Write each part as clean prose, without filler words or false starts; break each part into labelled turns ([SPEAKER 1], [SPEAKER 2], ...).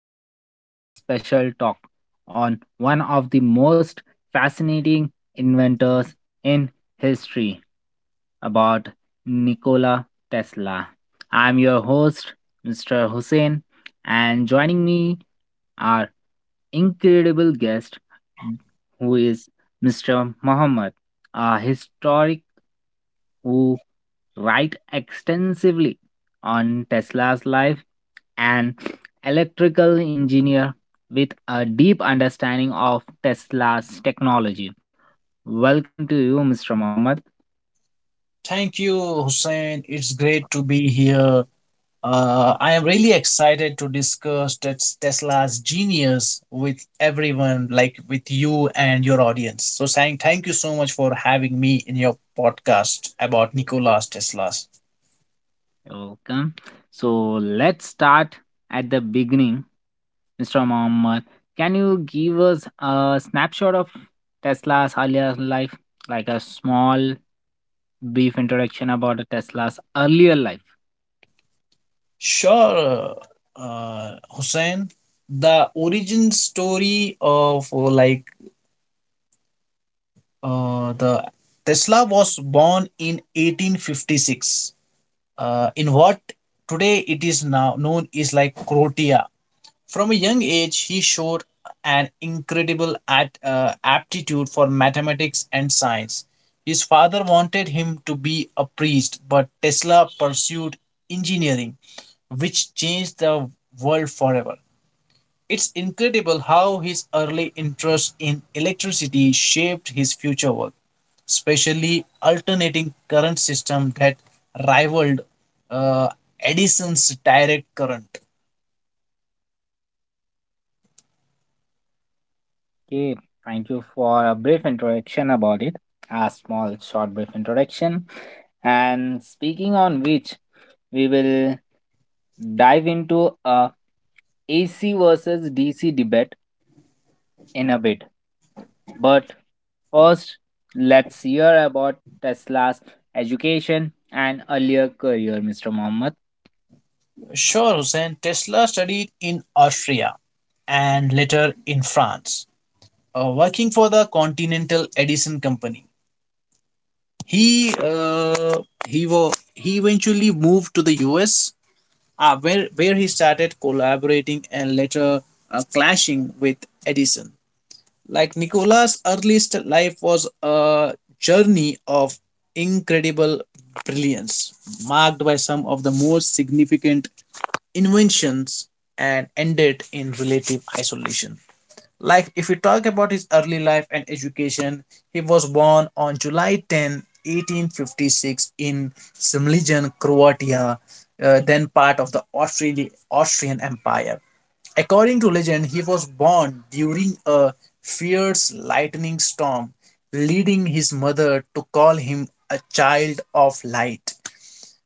[SPEAKER 1] Welcome to today's special talk on one of the most fascinating inventors in history about Nikola Tesla. I'm your host, Mr. Hussein, and joining me our incredible guest who is Mr. Muhammad, a historic who write extensively on Tesla's life an electrical engineer with a deep understanding of Tesla's technology. Welcome to you, Mr. Mohammed.
[SPEAKER 2] Thank you, Hussein. It's great to be here. I am really excited to discuss Tesla's genius with everyone, like with you and your audience. So, saying thank you so much for having me in your podcast about Nikola's Tesla's.
[SPEAKER 1] Welcome. So let's start at the beginning. Mr. Mohammed, can you give us a snapshot of Tesla's earlier life, like a small, brief introduction about Tesla's earlier life?
[SPEAKER 2] Sure, Hussein. The origin story of the Tesla was born in 1856, in what today it is now known is like Croatia. From a young age, he showed an incredible aptitude for mathematics and science. His father wanted him to be a priest, but Tesla pursued engineering, which changed the world forever. It's incredible how his early interest in electricity shaped his future work, especially alternating current system that rivaled uh, Edison's direct current.
[SPEAKER 1] Okay, thank you for a brief introduction about it, a small, short, brief introduction. And speaking on which, we will dive into a AC versus DC debate in a bit. But first, let's hear about Tesla's education and earlier career, Mr. Mohammed.
[SPEAKER 2] Sure, Hussein, Tesla studied in Austria and later in France, working for the Continental Edison Company. He uh, he eventually moved to the US, where he started collaborating and later clashing with Edison. Like Nicola's earliest life was a journey of incredible brilliance, marked by some of the most significant inventions and ended in relative isolation. Like, if we talk about his early life and education, he was born on July 10, 1856, in Simligen, Croatia, then part of the Austrian Empire. According to legend, he was born during a fierce lightning storm, leading his mother to call him a child of light.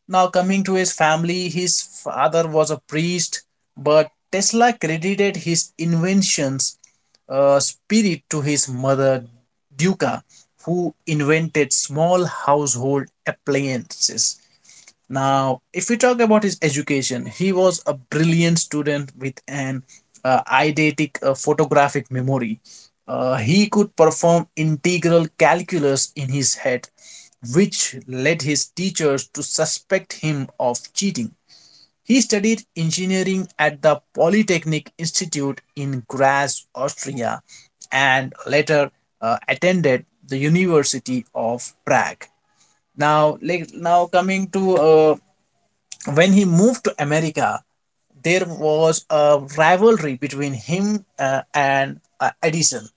[SPEAKER 2] Now, coming to his family, his father was a priest, but Tesla credited his invention's spirit to his mother, Duca, who invented small household appliances. Now, if we talk about his education, he was a brilliant student with an eidetic photographic memory. He could perform integral calculus in his head, which led his teachers to suspect him of cheating. He studied engineering at the Polytechnic Institute in Graz, Austria, and later attended the University of Prague. Now, now coming to when he moved to America, there was a rivalry between him and Edison.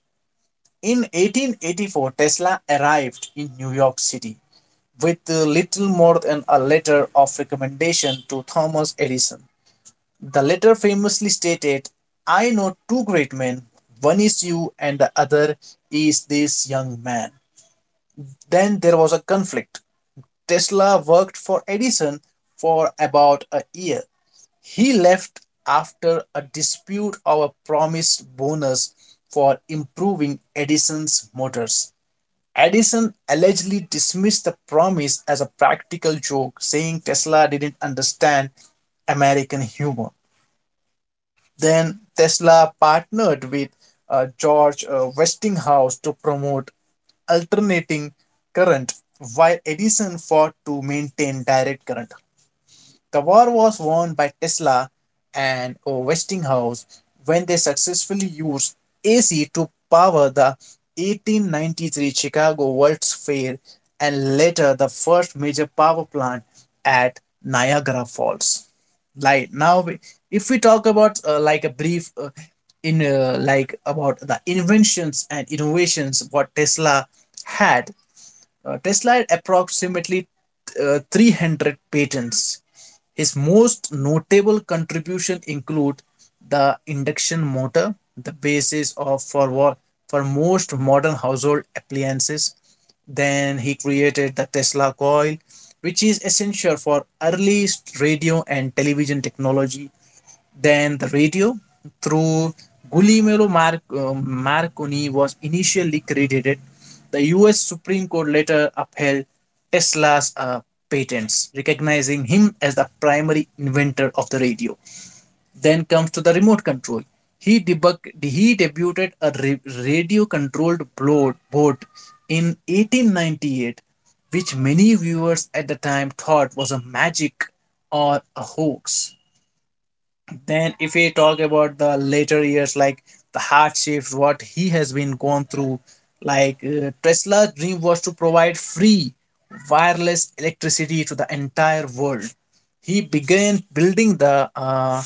[SPEAKER 2] In 1884, Tesla arrived in New York City with little more than a letter of recommendation to Thomas Edison. The letter famously stated, I know two great men, one is you and the other is this young man. Then there was a conflict. Tesla worked for Edison for about a year. He left after a dispute over promised bonus for improving Edison's motors. Edison allegedly dismissed the promise as a practical joke, saying Tesla didn't understand American humor. Then Tesla partnered with George Westinghouse to promote alternating current, while Edison fought to maintain direct current. The war was won by Tesla and Westinghouse when they successfully used AC to power the 1893 Chicago World's Fair and later the first major power plant at Niagara Falls. Like now, we- if we talk about like a brief in like about the inventions and innovations what had, Tesla had approximately 300 patents. His most notable contribution include the induction motor, the basis for most modern household appliances. Then he created the Tesla coil, which is essential for early radio and television technology. Then the radio, through Guglielmo Marconi was initially credited. The US Supreme Court later upheld Tesla's patents, recognizing him as the primary inventor of the radio. Then comes to the remote control. He debuted a radio-controlled boat in 1898, which many viewers at the time thought was a magic or a hoax. Then, if we talk about the later years, like the hardships, what he has been gone through, Tesla's dream was to provide free wireless electricity to the entire world. He began building the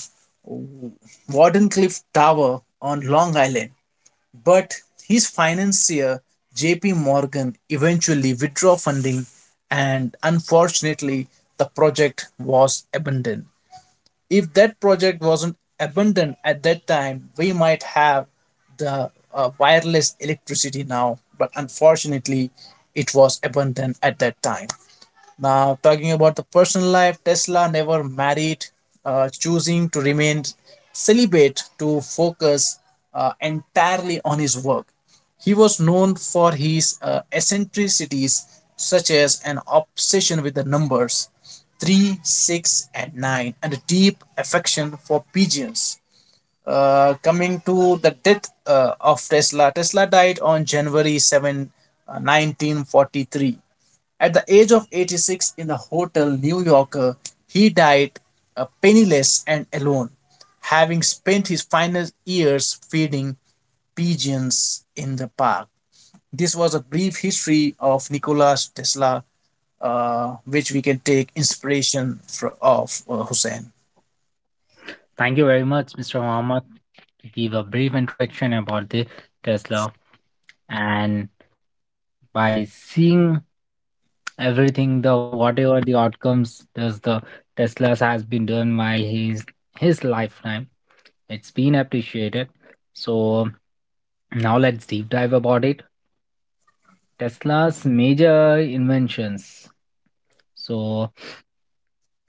[SPEAKER 2] Wardenclyffe Tower on Long Island, but his financier JP Morgan eventually withdrew funding, and unfortunately, the project was abandoned. If that project wasn't abundant at that time, we might have the wireless electricity now, but unfortunately, it was abundant at that time. Now, talking about the personal life, Tesla never married, choosing to remain celibate to focus entirely on his work. He was known for his eccentricities, such as an obsession with the numbers 3, 6, and 9, and a deep affection for pigeons. Coming to the death of Tesla, Tesla died on January 7, 1943, at the age of 86 in the hotel New Yorker. He died penniless and alone, having spent his final years feeding pigeons in the park. This was a brief history of Nikola Tesla, which we can take inspiration for of Hussein.
[SPEAKER 1] Thank you very much, Mr. Mohammed, to give a brief introduction about the Tesla and by seeing everything the whatever the outcomes does the Tesla's has been done by his lifetime. It's been appreciated. So now let's deep dive about it. Tesla's major inventions. So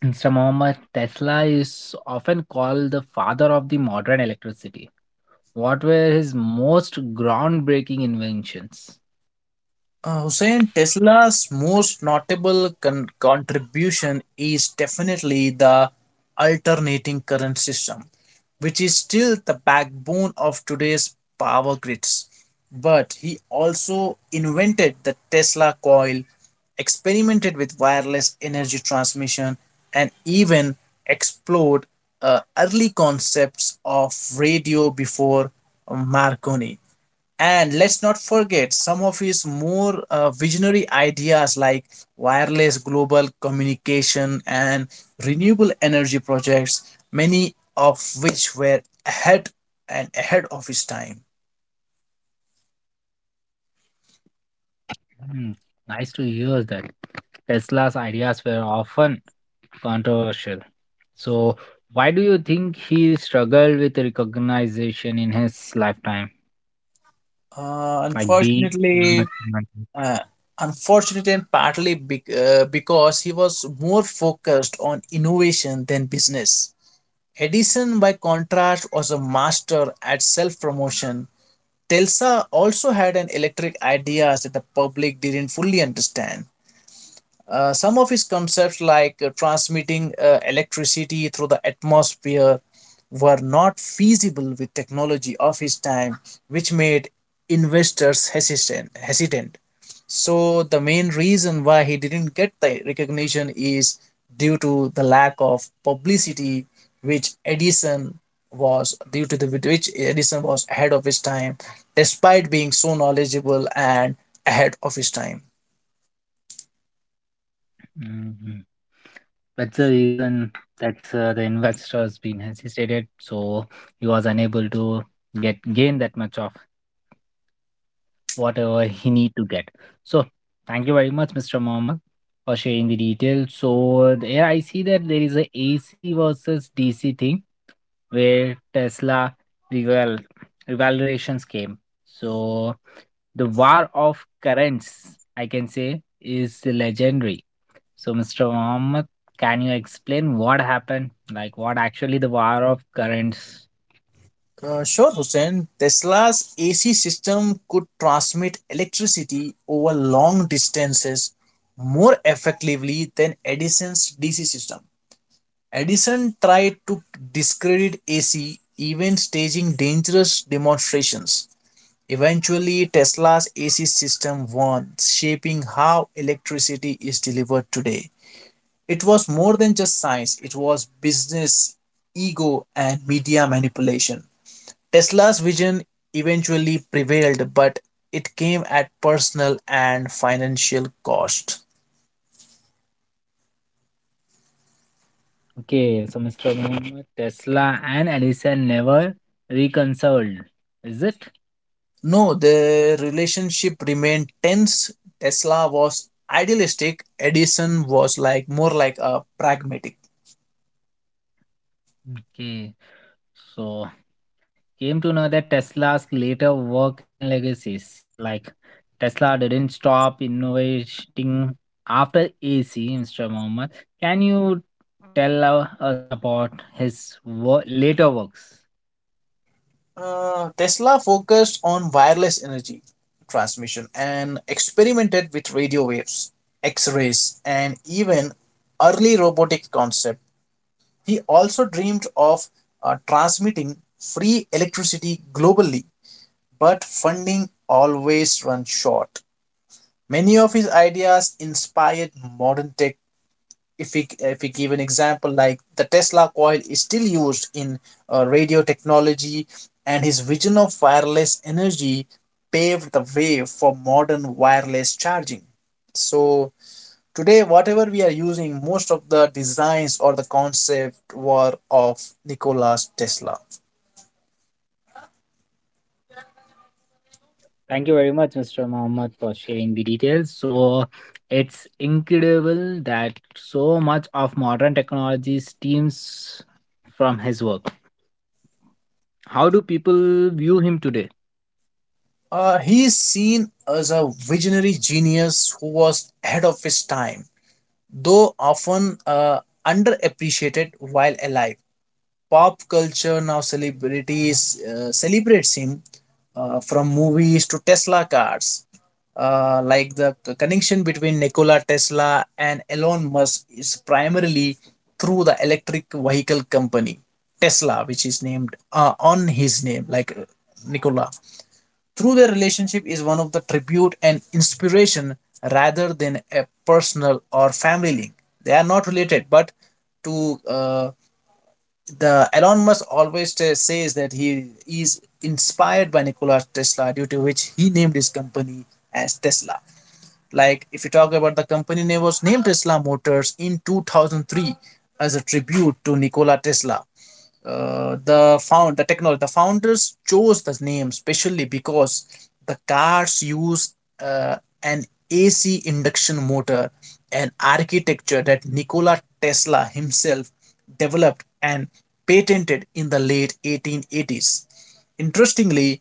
[SPEAKER 1] Mr. Muhammad Tesla is often called the father of the modern electricity. What were his most groundbreaking inventions?
[SPEAKER 2] Hussein, Tesla's most notable contribution is definitely the alternating current system, which is still the backbone of today's power grids. But he also invented the Tesla coil, experimented with wireless energy transmission, and even explored early concepts of radio before Marconi. And let's not forget some of his more visionary ideas like wireless global communication and renewable energy projects, many of which were ahead of his time.
[SPEAKER 1] Hmm, nice to hear that. Tesla's ideas were often controversial. So, why do you think he struggled with recognition in his lifetime? Like being
[SPEAKER 2] Unfortunately,
[SPEAKER 1] much money?
[SPEAKER 2] uh, unfortunately, and partly because he was more focused on innovation than business. Edison, by contrast, was a master at self promotion. Telsa also had an electric ideas that the public didn't fully understand. Some of his concepts, like transmitting electricity through the atmosphere, were not feasible with technology of his time, which made investors hesitant. So, the main reason why he didn't get the recognition is due to the lack of publicity, which Edison which Edison was ahead of his time, despite being so knowledgeable and ahead of his time.
[SPEAKER 1] Mhm. That's the reason that the investors been hesitated, so he was unable to get gain that much of whatever he need to get. So thank you very much, Mr. Mohammed, for sharing the details. So there I see that there is a AC versus DC thing where Tesla reval revaluations came. So the war of currents, I can say, is legendary. So Mr. Mohammed, can you explain what happened? Like what actually the war of currents.
[SPEAKER 2] Sure, Hussein. Tesla's AC system could transmit electricity over long distances more effectively than Edison's DC system. Edison tried to discredit AC, even staging dangerous demonstrations. Eventually, Tesla's AC system won, shaping how electricity is delivered today. It was more than just science, it was business, ego, and media manipulation. Tesla's vision eventually prevailed, but it came at personal and financial cost.
[SPEAKER 1] Okay, so Mr. Muhammad, Tesla and Edison never reconciled, is it?
[SPEAKER 2] No, the relationship remained tense. Tesla was idealistic, Edison was like more like a pragmatic.
[SPEAKER 1] Okay, so came to know that Tesla's later work and legacies, like Tesla didn't stop innovating after AC, Mr. Muhammad. Can you tell us about his later works?
[SPEAKER 2] Tesla focused on wireless energy transmission and experimented with radio waves, X rays, and even early robotic concepts. He also dreamed of transmitting free electricity globally, but funding always ran short. Many of his ideas inspired modern tech. If we give an example, like the Tesla coil is still used in radio technology, and his vision of wireless energy paved the way for modern wireless charging. So, today, whatever we are using, most of the designs or the concept were of Nikola Tesla.
[SPEAKER 1] Thank you very much, Mr. Mohammed, for sharing the details. So it's incredible that so much of modern technology stems from his work. How do people view him today?
[SPEAKER 2] He is seen as a visionary genius who was ahead of his time, though often underappreciated while alive. Pop culture now celebrities celebrates him from movies to Tesla cars. Connection between Nikola Tesla and Elon Musk is primarily through the electric vehicle company Tesla, which is named on his name, Nikola. Through their relationship is one of the tribute and inspiration rather than a personal or family link. They are not related, but to the Elon Musk always says that he is inspired by Nikola Tesla, due to which he named his company as Tesla. Like if you talk about the company name was named Tesla Motors in 2003 as a tribute to Nikola Tesla. The founders chose the name specially because the cars use uh, an AC induction motor, an architecture that Nikola Tesla himself developed and patented in the late 1880s. Interestingly,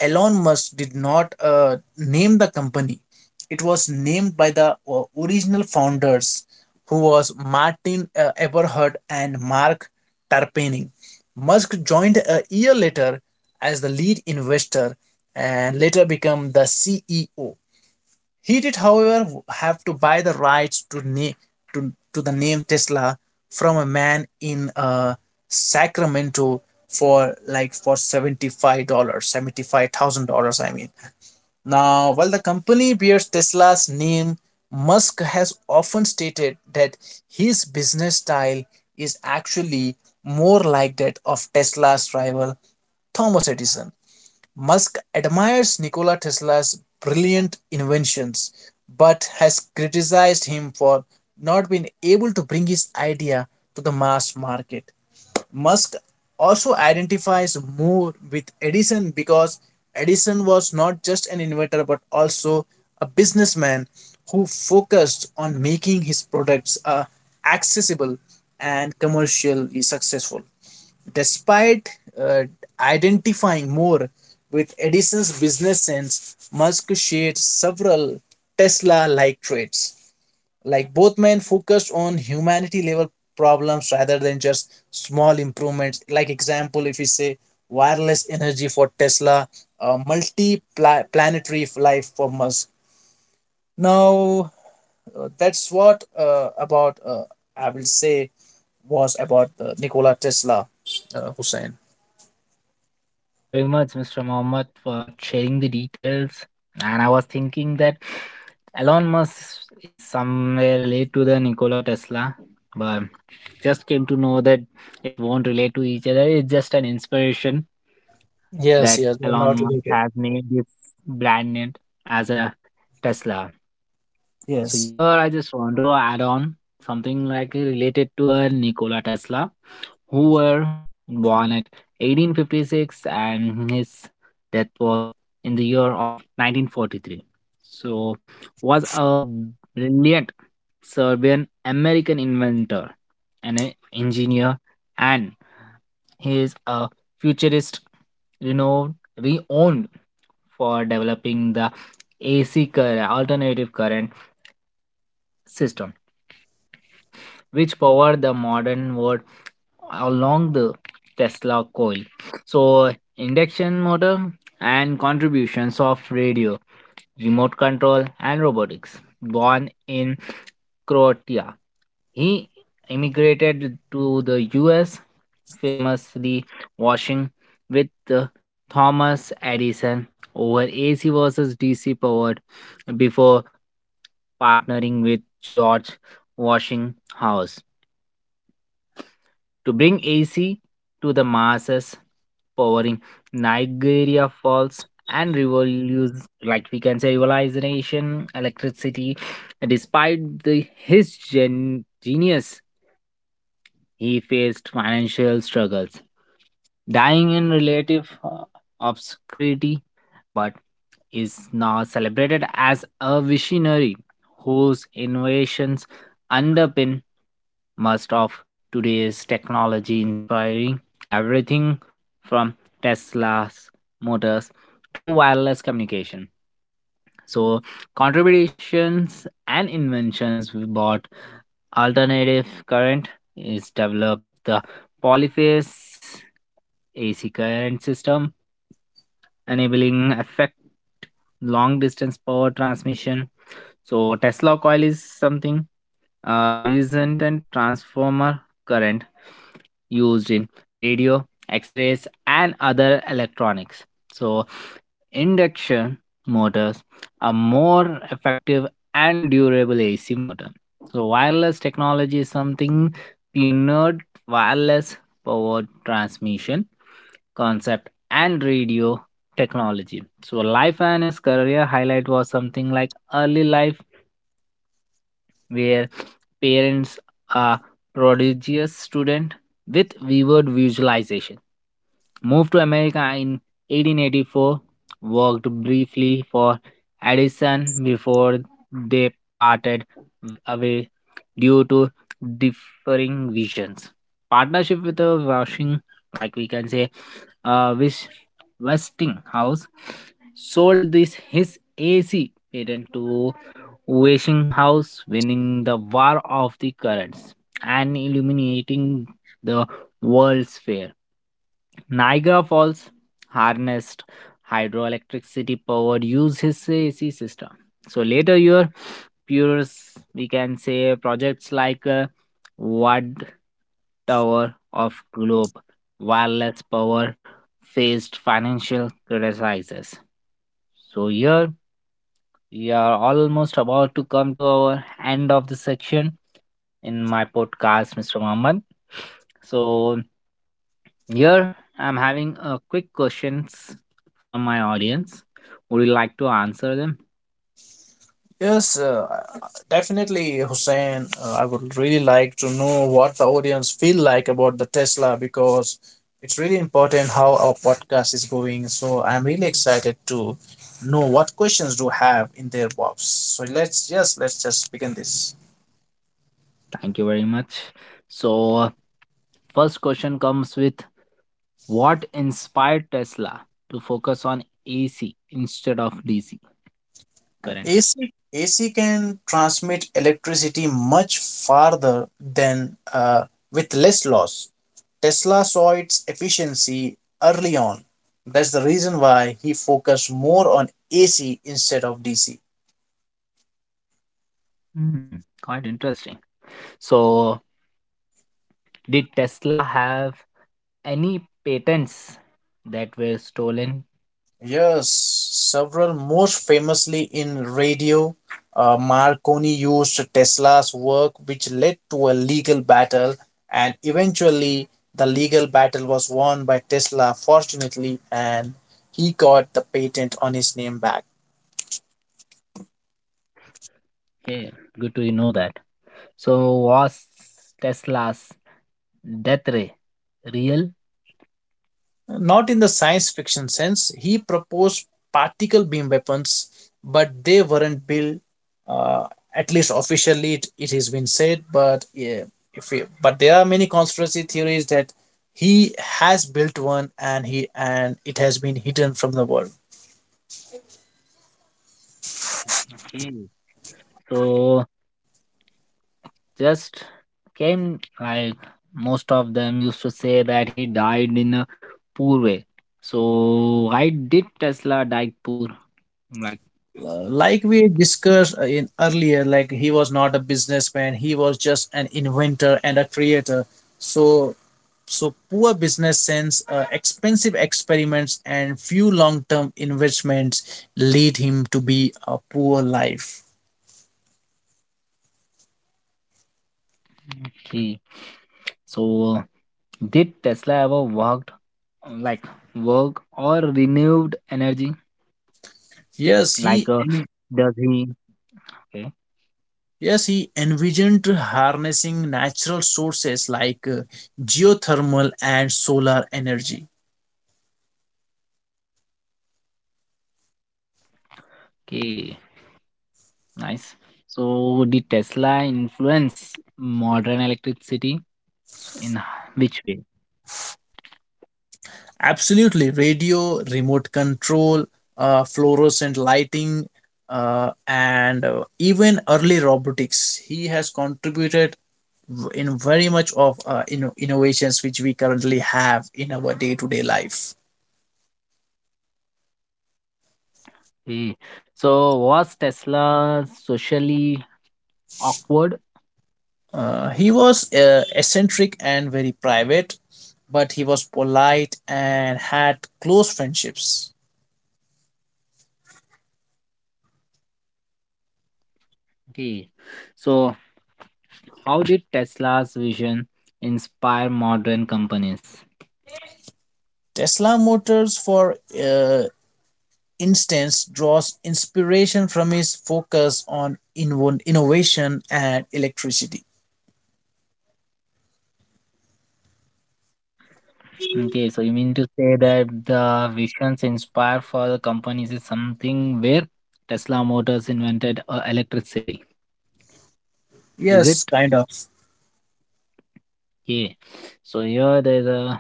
[SPEAKER 2] Elon Musk did not name the company. It was named by the original founders, who was Martin Eberhard and Mark Tarpening. Musk joined a year later as the lead investor and later became the CEO. He did, however, have to buy the rights to the name Tesla from a man in Sacramento for like for $75 $75,000, I mean. Now while the company bears Tesla's name, Musk has often stated that his business style is actually more like that of Tesla's rival Thomas Edison. Musk admires Nikola Tesla's brilliant inventions, but has criticized him for not being able to bring his idea to the mass market. Musk also identifies more with Edison because Edison was not just an inventor but also a businessman who focused on making his products accessible and commercially successful. Despite uh, identifying more with Edison's business sense, Musk shared several Tesla like traits. Like both men focused on humanity level problems rather than just small improvements. Like, example, if we say wireless energy for Tesla, multi planetary life for Musk. Now, that's what about I will say was about Nikola Tesla, Hussein.
[SPEAKER 1] Thank you very much, Mr. Mohammed, for sharing the details. And I was thinking that Elon Musk is somewhere related to the Nikola Tesla, but just came to know that it won't relate to each other. It's just an inspiration
[SPEAKER 2] Yes,
[SPEAKER 1] that
[SPEAKER 2] yes, they're
[SPEAKER 1] Elon
[SPEAKER 2] not
[SPEAKER 1] Musk
[SPEAKER 2] related.
[SPEAKER 1] has named his brand name as a Tesla. So
[SPEAKER 2] Yes,
[SPEAKER 1] here I just want to add on something like related to a Nikola Tesla, who were born at 1856 and his death was in the year of 1943. So was a brilliant Serbian American inventor and an engineer and he is a futurist, you know, reowned for developing the AC current, alternative current system, which powered the modern world along the Tesla coil. So, induction motor and contributions of radio, remote control, and robotics. Born in Croatia, he immigrated to the US, famously washing with uh, Thomas Edison over AC versus DC powered before partnering with George Washinghouse to bring AC to the masses, powering Niagara Falls and revolution like we can say revolutionization electricity despite his genius he faced financial struggles, dying in relative obscurity, but is now celebrated as a visionary whose innovations underpin most of today's technology, inspiring everything from Tesla's motors to wireless communication. So, contributions and inventions brought alternative current is developed the polyphase AC current system, enabling effect long distance power transmission. So Tesla coil is something recent and transformer current used in radio, X-rays, and other electronics. So induction motors are more effective and durable AC motor. So wireless technology is something pioneered wireless power transmission concept and radio technology. So life and his career highlight was something like early life where parents are prodigious student with vivid visualization. Moved to America in 1884, worked briefly for Edison before they parted away due to differing visions. Partnership with the Washing, like we can say, Wis- Westinghouse sold this his AC patent to Westinghouse winning the War of the Currents and illuminating the World's Fair. Niagara Falls harnessed hydroelectricity power uses AC system. So later your pures we can say projects like Watt Tower of Globe, wireless power faced financial criticizes. So here we are almost about to come to our end of the section in my podcast, Mr. Muhammad. So here I'm having a quick questions from my audience. Would you like to answer them?
[SPEAKER 2] yes, uh, definitely, Hussein. I would really like to know what the audience feel like about the Tesla because it's really important how our podcast is going. So I'm really excited to know what questions do have in their box. So let's just begin this.
[SPEAKER 1] Thank you very much. So first question comes with what inspired Tesla to focus on AC instead of DC current?
[SPEAKER 2] AC can transmit electricity much farther than with less loss. Tesla saw its efficiency early on. That's the reason why he focused more on AC instead of DC.
[SPEAKER 1] Hmm, quite interesting. So did Tesla have any patents that were stolen.
[SPEAKER 2] Yes, several, most famously in radio. Marconi used Tesla's work, which led to a legal battle, and eventually the legal battle was won by Tesla, fortunately, and he got the patent on his name back.
[SPEAKER 1] Okay, good to know that. So was Tesla's death ray real?
[SPEAKER 2] Not in the science fiction sense. He proposed particle beam weapons, but they weren't built. Uh, at least officially, it has been said. But yeah, if we, but there are many conspiracy theories that he has built one and he and it has been hidden from the world.
[SPEAKER 1] Mm, okay. So just came like most of them used to say that he died in a poor way. So why did Tesla die poor? Like
[SPEAKER 2] Like we discussed in earlier, like he was not a businessman. He was just an inventor and a creator. So poor business sense, expensive experiments, and few long-term investments lead him to be a poor life.
[SPEAKER 1] he so did Tesla ever worked like work or renewed energy?
[SPEAKER 2] Yes,
[SPEAKER 1] Like,
[SPEAKER 2] he en-
[SPEAKER 1] does he? Okay,
[SPEAKER 2] yes, he envisioned harnessing natural sources like geothermal and solar energy.
[SPEAKER 1] okay, nice. So, did Tesla influence modern electricity S- in h- which way?
[SPEAKER 2] Absolutely, radio, remote control, fluorescent lighting, and even early robotics. He has contributed in very much of innovations which we currently have in our day-to-day life.
[SPEAKER 1] Okay. So, was Tesla socially awkward?
[SPEAKER 2] He was eccentric and very private, but he was polite and had close friendships.
[SPEAKER 1] Okay. So, how did Tesla's vision inspire modern companies?
[SPEAKER 2] Tesla Motors, for uh, instance, draws inspiration from his focus on innovation and electricity.
[SPEAKER 1] Okay, so you mean to say that the visions inspired for the companies is something where Tesla Motors invented electricity, is it?
[SPEAKER 2] Yes, kind of.
[SPEAKER 1] Yeah. So here there's a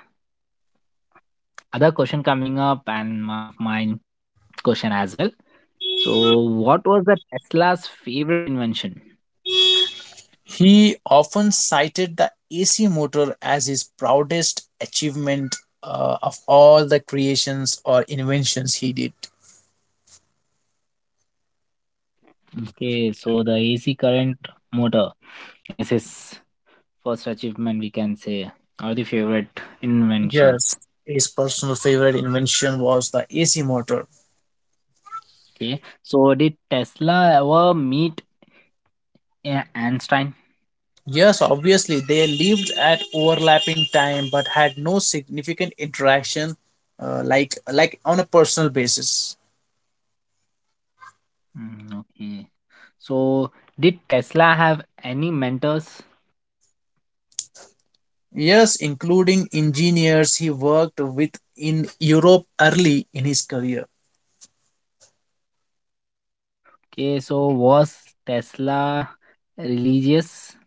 [SPEAKER 1] other question coming up and one of mine question as well. So what was the Tesla's favorite invention?
[SPEAKER 2] He often cited the AC motor as his proudest achievement, of all the creations or inventions he did.
[SPEAKER 1] Okay, so the AC current motor is his first achievement we can say or the favorite inventions.
[SPEAKER 2] Yes, his personal favorite invention was the AC motor.
[SPEAKER 1] Okay. So did Tesla ever meet Einstein?
[SPEAKER 2] Yes, obviously, they lived at overlapping time but had no significant interaction, like on a personal basis.
[SPEAKER 1] Mm, okay. So did Tesla have any mentors?
[SPEAKER 2] Yes, including engineers he worked with in Europe early in his career.
[SPEAKER 1] Okay, so was Tesla religious?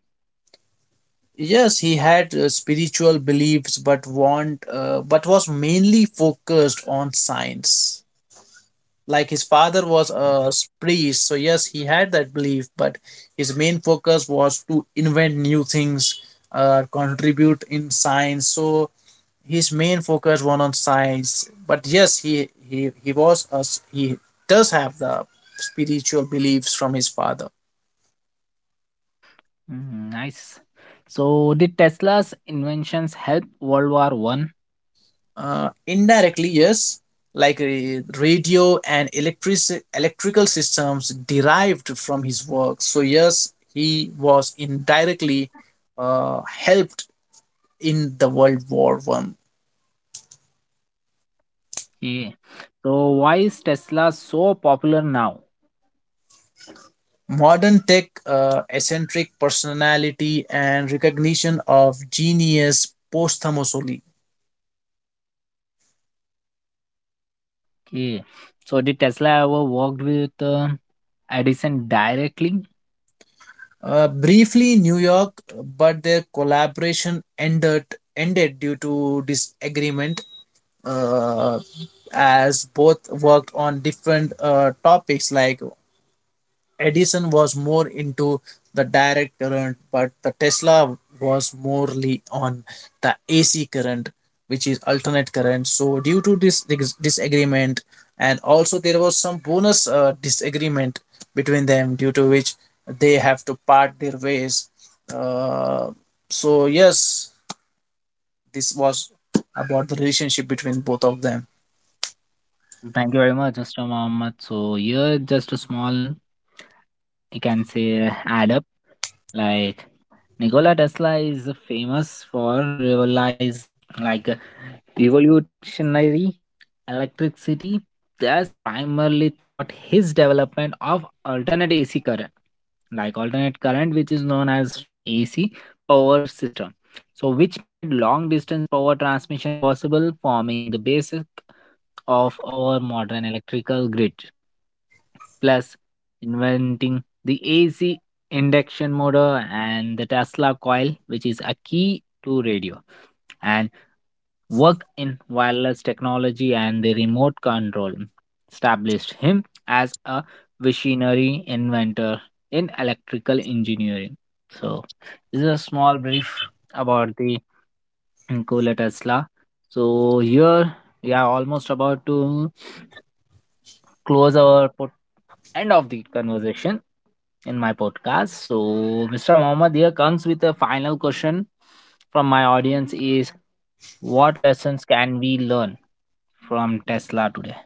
[SPEAKER 2] Yes, he had spiritual beliefs, but was mainly focused on science. Like his father was a priest, so yes, he had that belief, but his main focus was to invent new things, contribute in science. So his main focus was on science. But yes, he was a s he does have the spiritual beliefs from his father.
[SPEAKER 1] Mm, nice. So, did Tesla's inventions help World War One?
[SPEAKER 2] Indirectly, yes, like radio and electrical systems derived from his work. So yes, he was indirectly helped in the World War I.
[SPEAKER 1] Yeah. So, why is Tesla so popular now?
[SPEAKER 2] Modern tech, eccentric personality, and recognition of genius posthumously.
[SPEAKER 1] Yeah. So, did Tesla ever worked with Edison directly?
[SPEAKER 2] Briefly, New York, but their collaboration ended due to disagreement, uh, as both worked on different topics. Like Edison was more into the direct current, but the Tesla was morely on the AC current, which is alternate current. So due to this disagreement, and also there was some bonus disagreement between them, due to which they have to part their ways. uh, so yes, this was about the relationship between both of them.
[SPEAKER 1] Thank you very much, Mr. Mohammed. So, here just a small, you can say, add up. Like Nikola Tesla is famous for revolutionize like revolutionary electricity that's primarily thought his development of alternate AC current like alternate current which is known as AC power system so which made long distance power transmission possible forming the basic of our modern electrical grid. Plus, inventing the AC induction motor and the Tesla coil, which is a key to radio and work in wireless technology and the remote control, established him as a visionary inventor in electrical engineering. So, this is a small brief about the Nikola Tesla. So, here we are almost about to close our end of the conversation in my podcast. So, Mr. Mohammed here comes with a final question from my audience: Is what lessons can we learn from Tesla today?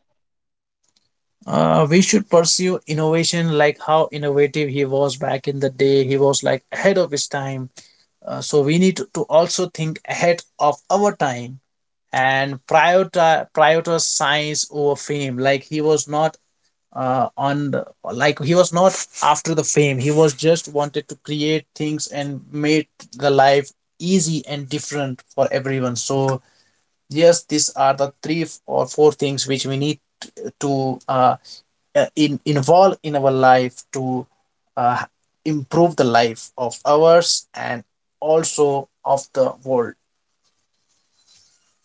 [SPEAKER 2] We should pursue innovation. Like how innovative he was back in the day, he was like ahead of his time. So we need to also think ahead of our time, and prioritize science over fame. Like he was not uh, on the, like he was not after the fame, he was just wanted to create things and make the life easy and different for everyone. So yes, these are the three f- or four things which we need to involved in our life to uh, improve the life of ours and also of the world.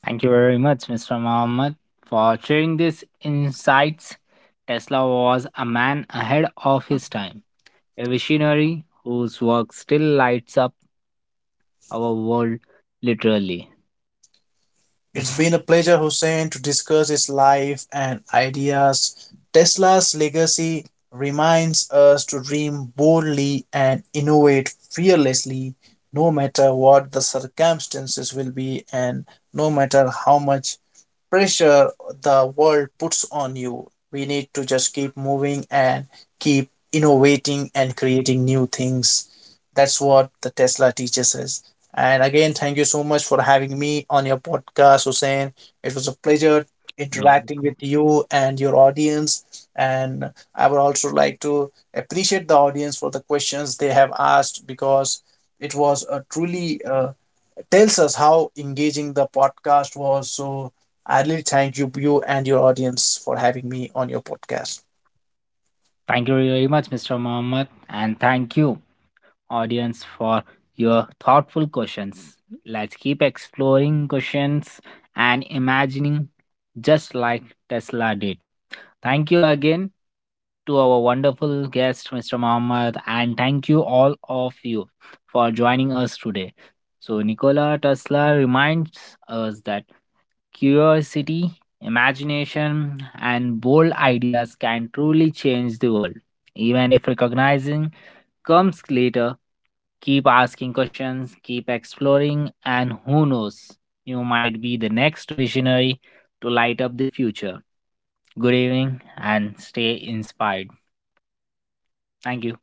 [SPEAKER 1] Thank you very much, Mr. Mohammed, for sharing these insights. Tesla was a man ahead of his time, a visionary whose work still lights up our world literally.
[SPEAKER 2] It's been a pleasure, Hussein, to discuss his life and ideas. Tesla's legacy reminds us to dream boldly and innovate fearlessly, no matter what the circumstances will be, and no matter how much pressure the world puts on you. We need to just keep moving and keep innovating and creating new things. That's what the Tesla teaches us. And again, thank you so much for having me on your podcast, Hussein. It was a pleasure
[SPEAKER 1] Yo,
[SPEAKER 2] interacting with you and your audience. And I would also like to appreciate the audience for the questions they have asked, because it was a truly tells us how engaging the podcast was. So I really thank you, you and your audience, for having me on your podcast.
[SPEAKER 1] thank you very much, Mr. Mohammed, and thank you audience for your thoughtful questions. Let's keep exploring questions and imagining just like Tesla did. Thank you again to our wonderful guest, Mr. Mohammed, and thank you all of you for joining us today. So, Nikola Tesla reminds us that curiosity, imagination, and bold ideas can truly change the world, even if recognizing comes later. Keep asking questions, keep exploring, and who knows, you might be the next visionary to light up the future. Good evening and stay inspired. Thank you.